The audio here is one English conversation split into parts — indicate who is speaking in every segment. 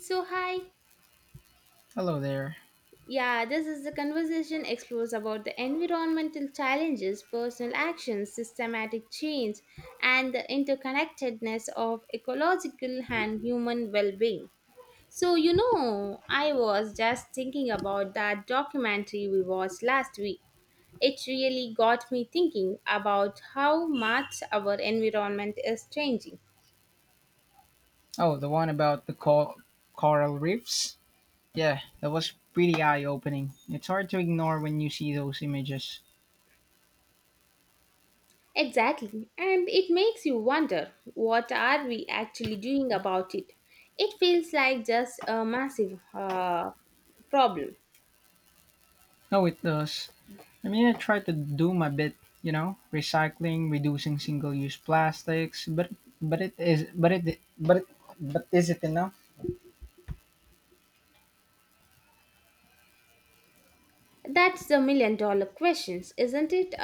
Speaker 1: So, hi.
Speaker 2: Hello there.
Speaker 1: Yeah, this is the conversation explores about the environmental challenges, personal actions, systematic change, and the interconnectedness of ecological and human well being. I was just thinking about that documentary we watched last week. It really got me thinking about how much our environment is changing.
Speaker 2: Oh, the one about the coral reefs? Yeah, that was pretty eye opening. It's hard to ignore when you see those images.
Speaker 1: Exactly, and it makes you wonder, what are we actually doing about it? It feels like just a massive problem.
Speaker 2: No, it does. I mean, I try to do my bit, you know, recycling, reducing single use plastics, but it is but it but it, but is it enough?
Speaker 1: That's the $1 million questions, isn't it?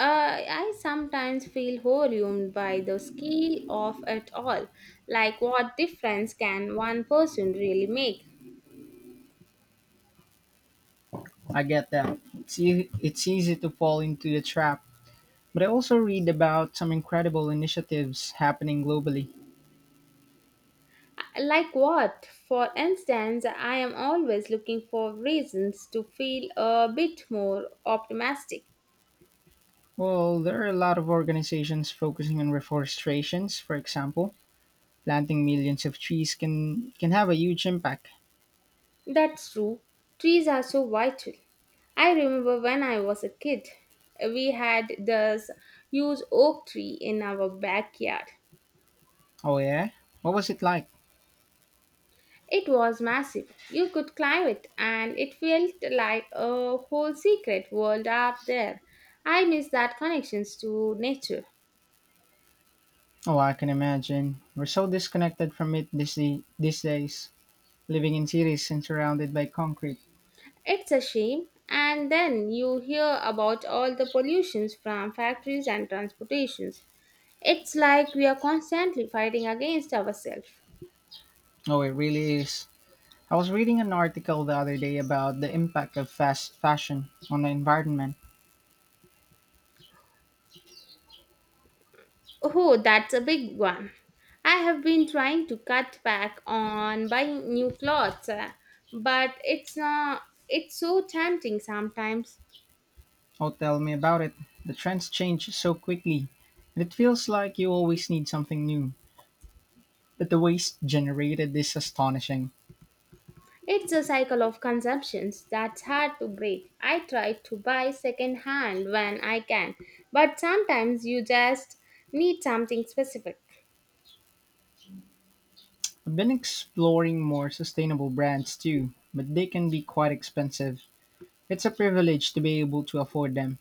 Speaker 1: I sometimes feel overwhelmed by the scale of it all. Like, what difference can one person really make?
Speaker 2: I get that. It's easy to fall into the trap. But I also read about some incredible initiatives happening globally.
Speaker 1: Like, what? For instance, I am always looking for reasons to feel a bit more optimistic.
Speaker 2: Well, there are a lot of organizations focusing on reforestations. For example, planting millions of trees can have a huge impact.
Speaker 1: That's true. Trees are so vital. I remember when I was a kid, we had this huge oak tree in our backyard.
Speaker 2: Oh yeah, what was it like?
Speaker 1: It was massive. You could climb it, and it felt like a whole secret world up there. I miss that connections to nature.
Speaker 2: Oh, I can imagine. We're so disconnected from it these days, living in cities and surrounded by concrete.
Speaker 1: It's a shame. And then you hear about all the pollutions from factories and transportations. It's like we are constantly fighting against ourselves.
Speaker 2: Oh, it really is. I was reading an article the other day about the impact of fast fashion on the environment.
Speaker 1: Oh, that's a big one. I have been trying to cut back on buying new clothes, but it's not it's so tempting sometimes.
Speaker 2: Oh, tell me about it. The trends change so quickly, and it feels like you always need something new. But the waste generated is astonishing.
Speaker 1: It's a cycle of consumptions that's hard to break. I try to buy second hand when I can, but sometimes you just need something specific.
Speaker 2: I've been exploring more sustainable brands too, but they can be quite expensive. It's a privilege to be able to afford them.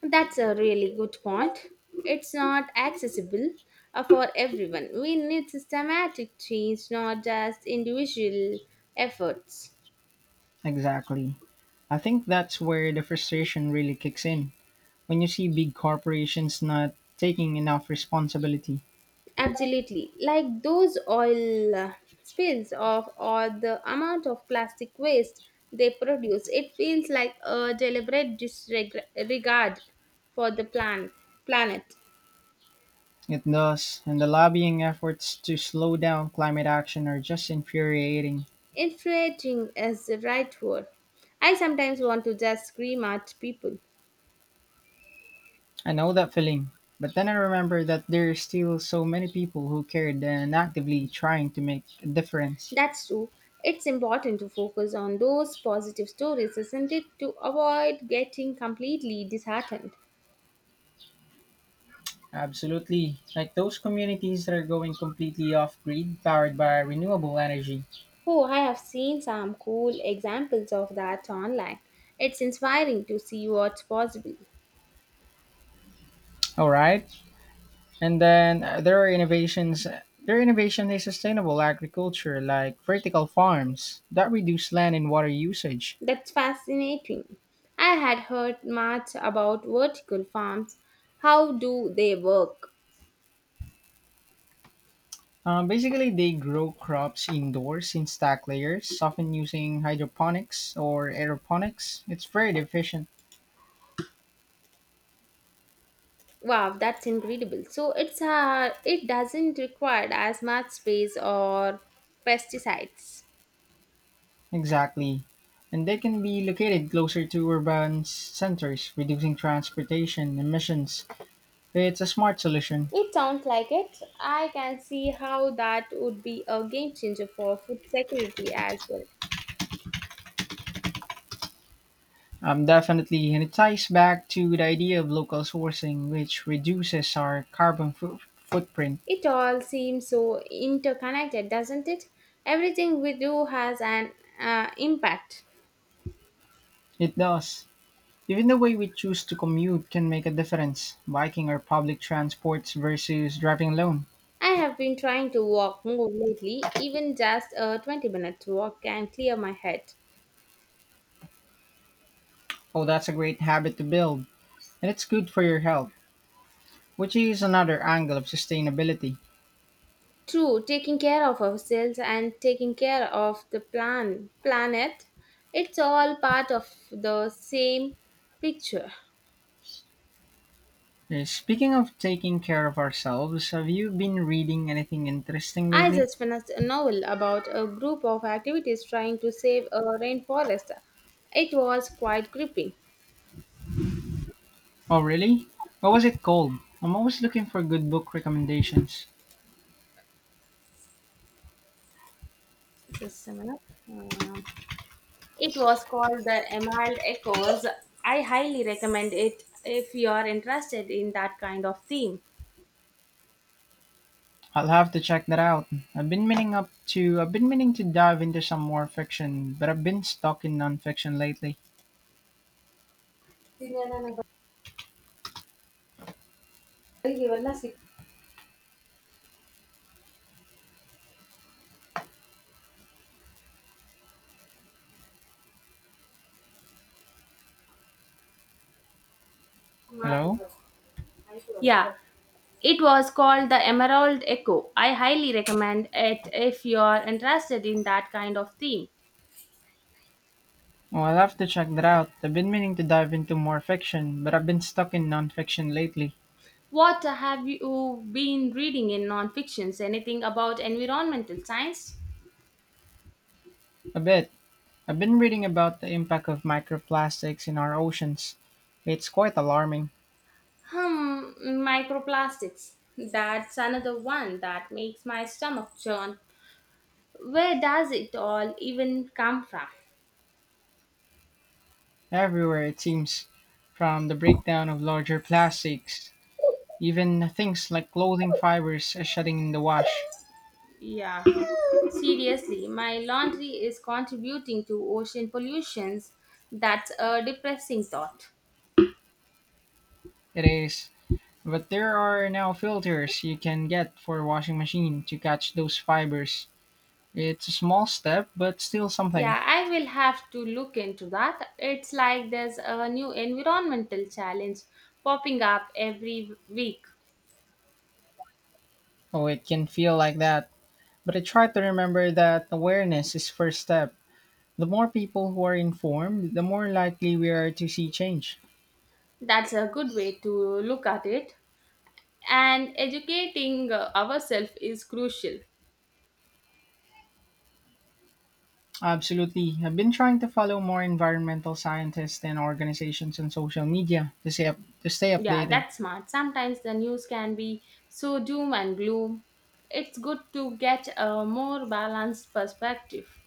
Speaker 1: That's a really good point. It's not accessible for everyone. We need systematic change, not just individual efforts.
Speaker 2: Exactly. I think that's where the frustration really kicks in. When you see big corporations not taking enough responsibility,
Speaker 1: Absolutely. Like those oil spills of or the amount of plastic waste they produce, it feels like a deliberate disregard for the planet.
Speaker 2: it does, and the lobbying efforts to slow down climate action are just infuriating.
Speaker 1: Infuriating is the right word. I sometimes want to just scream at people.
Speaker 2: I know that feeling, but then I remember that there are still so many people who cared and actively trying to make a difference.
Speaker 1: That's true. It's important to focus on those positive stories, isn't it? To avoid getting completely disheartened.
Speaker 2: Absolutely. Like those communities that are going completely off grid, powered by renewable energy.
Speaker 1: Oh, I have seen some cool examples of that online. It's inspiring to see what's possible.
Speaker 2: All right. And then there are innovations. Their innovation is sustainable agriculture, like vertical farms that reduce land and water usage.
Speaker 1: That's fascinating. I had heard much about vertical farms. How do they work?
Speaker 2: Basically, they grow crops indoors in stack layers, often using hydroponics or aeroponics. It's very efficient.
Speaker 1: Wow, that's incredible. It doesn't require as much space or pesticides.
Speaker 2: Exactly. And they can be located closer to centers, reducing transportation emissions. It's a smart solution.
Speaker 1: It sounds like it. I can see how that would be a game changer for food security as well.
Speaker 2: Definitely. And it ties back to the idea of local sourcing, which reduces our footprint.
Speaker 1: It all seems so interconnected, doesn't it? Everything we do has an impact.
Speaker 2: It does. Even the way we choose to commute can make a difference, biking or public transports versus driving alone.
Speaker 1: I have been trying to walk more lately, even just a 20-minute walk can clear my head.
Speaker 2: Oh, that's a great habit to build. And it's good for your health, which is another angle of sustainability.
Speaker 1: True, taking care of ourselves and taking care of the planet, it's all part of the same picture.
Speaker 2: Speaking of taking care of ourselves, have you been reading anything interesting
Speaker 1: I
Speaker 2: lately?
Speaker 1: just finished a novel about a group of activities trying to save a rainforest. It was quite gripping.
Speaker 2: Oh, really? What was it called? I'm always looking for good book recommendations.
Speaker 1: Just a minute. Um, it was called The Emerald Echoes. I highly recommend it if you are interested in that kind of theme.
Speaker 2: I'll have to check that out. I've been meaning up I've been meaning to dive into some more fiction, but I've been stuck in nonfiction lately. Hello?
Speaker 1: Yeah, it was called The Emerald Echo. I highly recommend it if you are interested in that kind of theme.
Speaker 2: Oh, I'll have to check that out. I've been meaning to dive into more fiction, but I've been stuck in nonfiction lately.
Speaker 1: What have you been reading in non-fictions? Anything about environmental science?
Speaker 2: A bit. I've been reading about the impact of microplastics in our oceans. It's quite alarming.
Speaker 1: Hmm, microplastics. That's another one that makes my stomach churn. Where does it all even come from?
Speaker 2: Everywhere, it seems, from the breakdown of larger plastics, even things like clothing fibers are shedding in the wash.
Speaker 1: Yeah. Seriously, my laundry is contributing to ocean pollutions. That's a depressing thought.
Speaker 2: It is, but there are now filters you can get for a washing machine to catch those fibers. It's a small step, but still something.
Speaker 1: Yeah, I will have to look into that. It's like there's a new environmental challenge popping up every week.
Speaker 2: Oh, it can feel like that. But I try to remember that awareness is first step. The more people who are informed, the more likely we are to see change.
Speaker 1: That's a good way to look at it. And educating ourselves is crucial.
Speaker 2: Absolutely. I've been trying to follow more environmental scientists and organizations on social media to to stay
Speaker 1: Yeah,
Speaker 2: updated.
Speaker 1: that's smart. Sometimes the news can be so doom and gloom. It's good to get a more balanced perspective.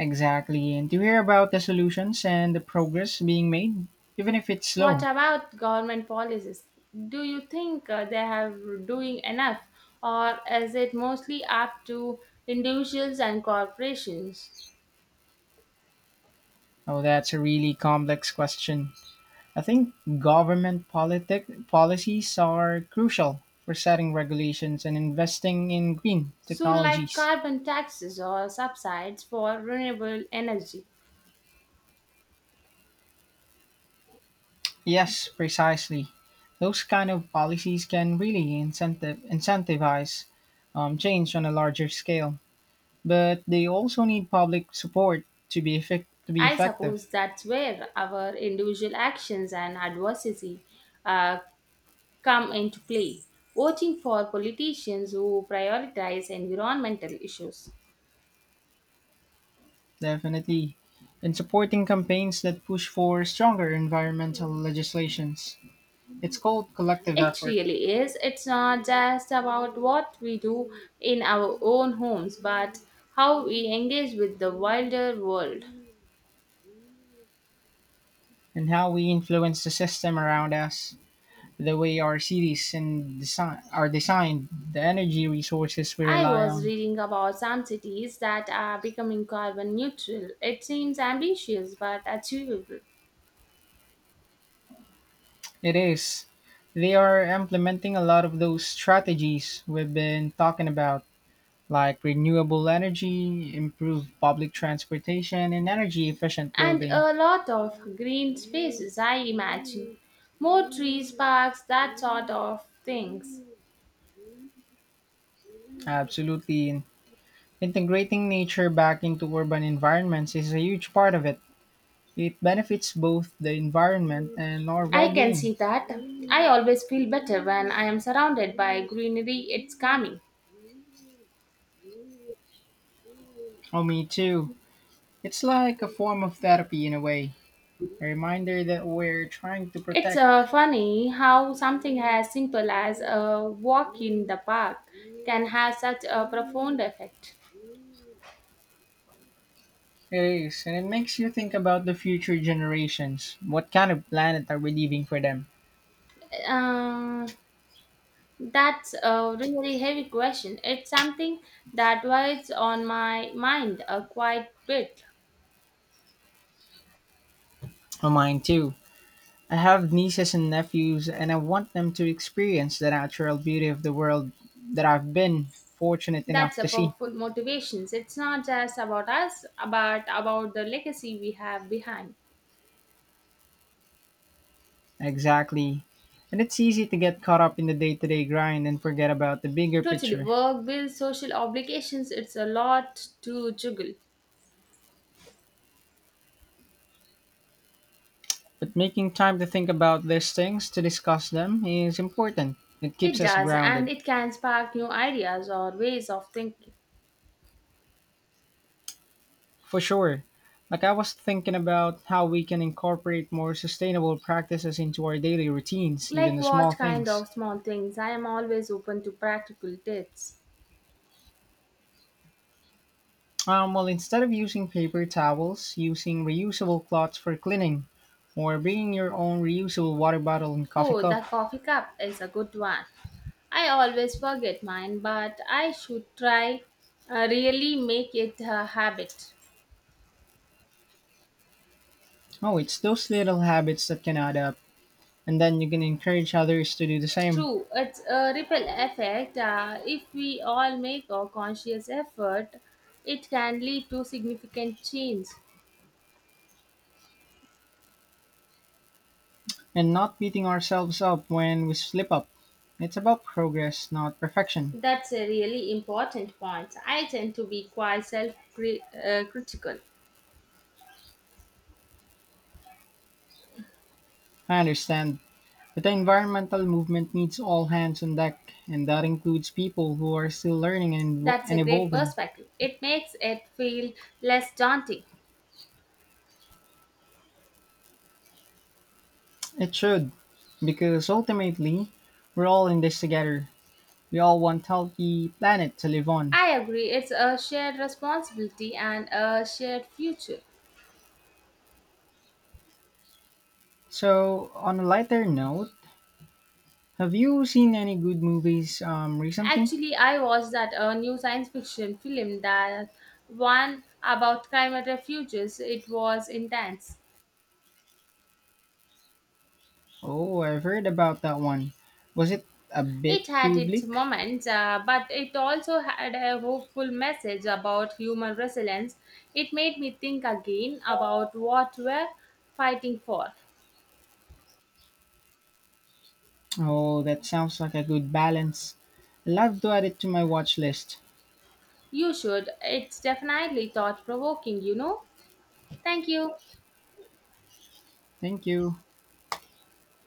Speaker 2: Exactly. And to hear about the solutions and the progress being made, even if it's
Speaker 1: What
Speaker 2: slow.
Speaker 1: about government policies? Do you think they have doing enough, or is it mostly up to individuals and corporations?
Speaker 2: Oh, that's a really complex question. I think government politic policies are crucial for setting regulations and investing in green
Speaker 1: So, like
Speaker 2: technologies.
Speaker 1: carbon taxes or subsides for renewable energy,
Speaker 2: Yes, precisely. Those kind of policies can really incentivize change on a larger scale, but they also need public support to to be
Speaker 1: I
Speaker 2: effective.
Speaker 1: suppose that's where our individual actions and advocacy uh, come into play. Voting for politicians who prioritize environmental issues.
Speaker 2: Definitely, in supporting campaigns that push for stronger environmental legislations, it's called collective
Speaker 1: It
Speaker 2: effort,
Speaker 1: really is. It's not just about what we do in our own homes, but how we engage with the wilder world.
Speaker 2: and how we influence the system around us, the way our cities and design are designed, the energy resources we
Speaker 1: I
Speaker 2: rely
Speaker 1: was
Speaker 2: on.
Speaker 1: reading about some cities that are becoming carbon neutral. It seems ambitious but achievable.
Speaker 2: It is. They are implementing a lot of those strategies we've been talking about, like renewable energy, improved public transportation, and energy efficient
Speaker 1: And
Speaker 2: building.
Speaker 1: a lot of green spaces, I imagine. More trees, parks, that sort of things.
Speaker 2: Absolutely. And integrating nature back into urban environments is a huge part of it. It benefits both the environment and our
Speaker 1: I
Speaker 2: well
Speaker 1: can
Speaker 2: being.
Speaker 1: see that. I always feel better when I am surrounded by greenery. It's calming.
Speaker 2: Oh, me too. It's like a form of therapy in a way, a reminder that we're trying to
Speaker 1: It's
Speaker 2: protect.
Speaker 1: funny how something as simple as a walk in the park can have such a profound effect.
Speaker 2: It is, and it makes you think about the future generations. What kind of planet are we leaving for them?
Speaker 1: Uh, that's a really heavy question. It's something that weighs on my mind a quite bit.
Speaker 2: Oh, mine too. I have nieces and nephews, and I want them to experience the natural beauty of the world that I've been fortunate
Speaker 1: That's
Speaker 2: enough
Speaker 1: a
Speaker 2: to see.
Speaker 1: powerful motivation. It's not just about us, but about the legacy we have behind.
Speaker 2: Exactly. And it's easy to get caught up in the day to day grind and forget about the bigger
Speaker 1: Totally,
Speaker 2: picture.
Speaker 1: work, bills, social obligations, it's a lot to juggle.
Speaker 2: But making time to think about these things, to discuss them, is important. It
Speaker 1: It
Speaker 2: keeps us
Speaker 1: does, and
Speaker 2: grounded.
Speaker 1: it can spark new ideas or ways of thinking.
Speaker 2: For sure. Like I was thinking about how we can incorporate more sustainable practices into our daily routines, even
Speaker 1: Like
Speaker 2: the small
Speaker 1: what kind
Speaker 2: things.
Speaker 1: of small things? I am always open to practical tips.
Speaker 2: Well, instead of using paper towels, using reusable cloths for cleaning, or bringing your own reusable water bottle and coffee
Speaker 1: Oh, the
Speaker 2: cup.
Speaker 1: coffee cup is a good one. I always forget mine, but I should try really make it a habit.
Speaker 2: Oh, it's those little habits that can add up. And then you can encourage others to do the same
Speaker 1: True, it's a ripple effect. If we all make a conscious effort, it can lead to significant change.
Speaker 2: and not beating ourselves up when we slip up. It's about progress, not perfection.
Speaker 1: That's a really important point. I tend to be quite self critical.
Speaker 2: I understand. But the environmental movement needs all hands on deck, and that includes people who are still learning
Speaker 1: That's a
Speaker 2: and
Speaker 1: great
Speaker 2: evolving.
Speaker 1: perspective. It makes it feel less daunting.
Speaker 2: It should, because ultimately, we're all in this together. We all want healthy planet to live on.
Speaker 1: I agree, it's a shared responsibility and a shared future.
Speaker 2: So, on a lighter note, have you seen any good movies recently?
Speaker 1: Actually, I watched that a new science fiction film that one about climate refuges. It was intense.
Speaker 2: Oh, I've heard about that one. Was it a bit
Speaker 1: It had
Speaker 2: too
Speaker 1: its
Speaker 2: bleak?
Speaker 1: moments, but it also had a hopeful message about human resilience. It made me think again about what we're fighting for.
Speaker 2: Oh, that sounds like a good balance. I'll have to add it to my watch list.
Speaker 1: You should. It's definitely thought provoking, Thank you.
Speaker 2: Thank you.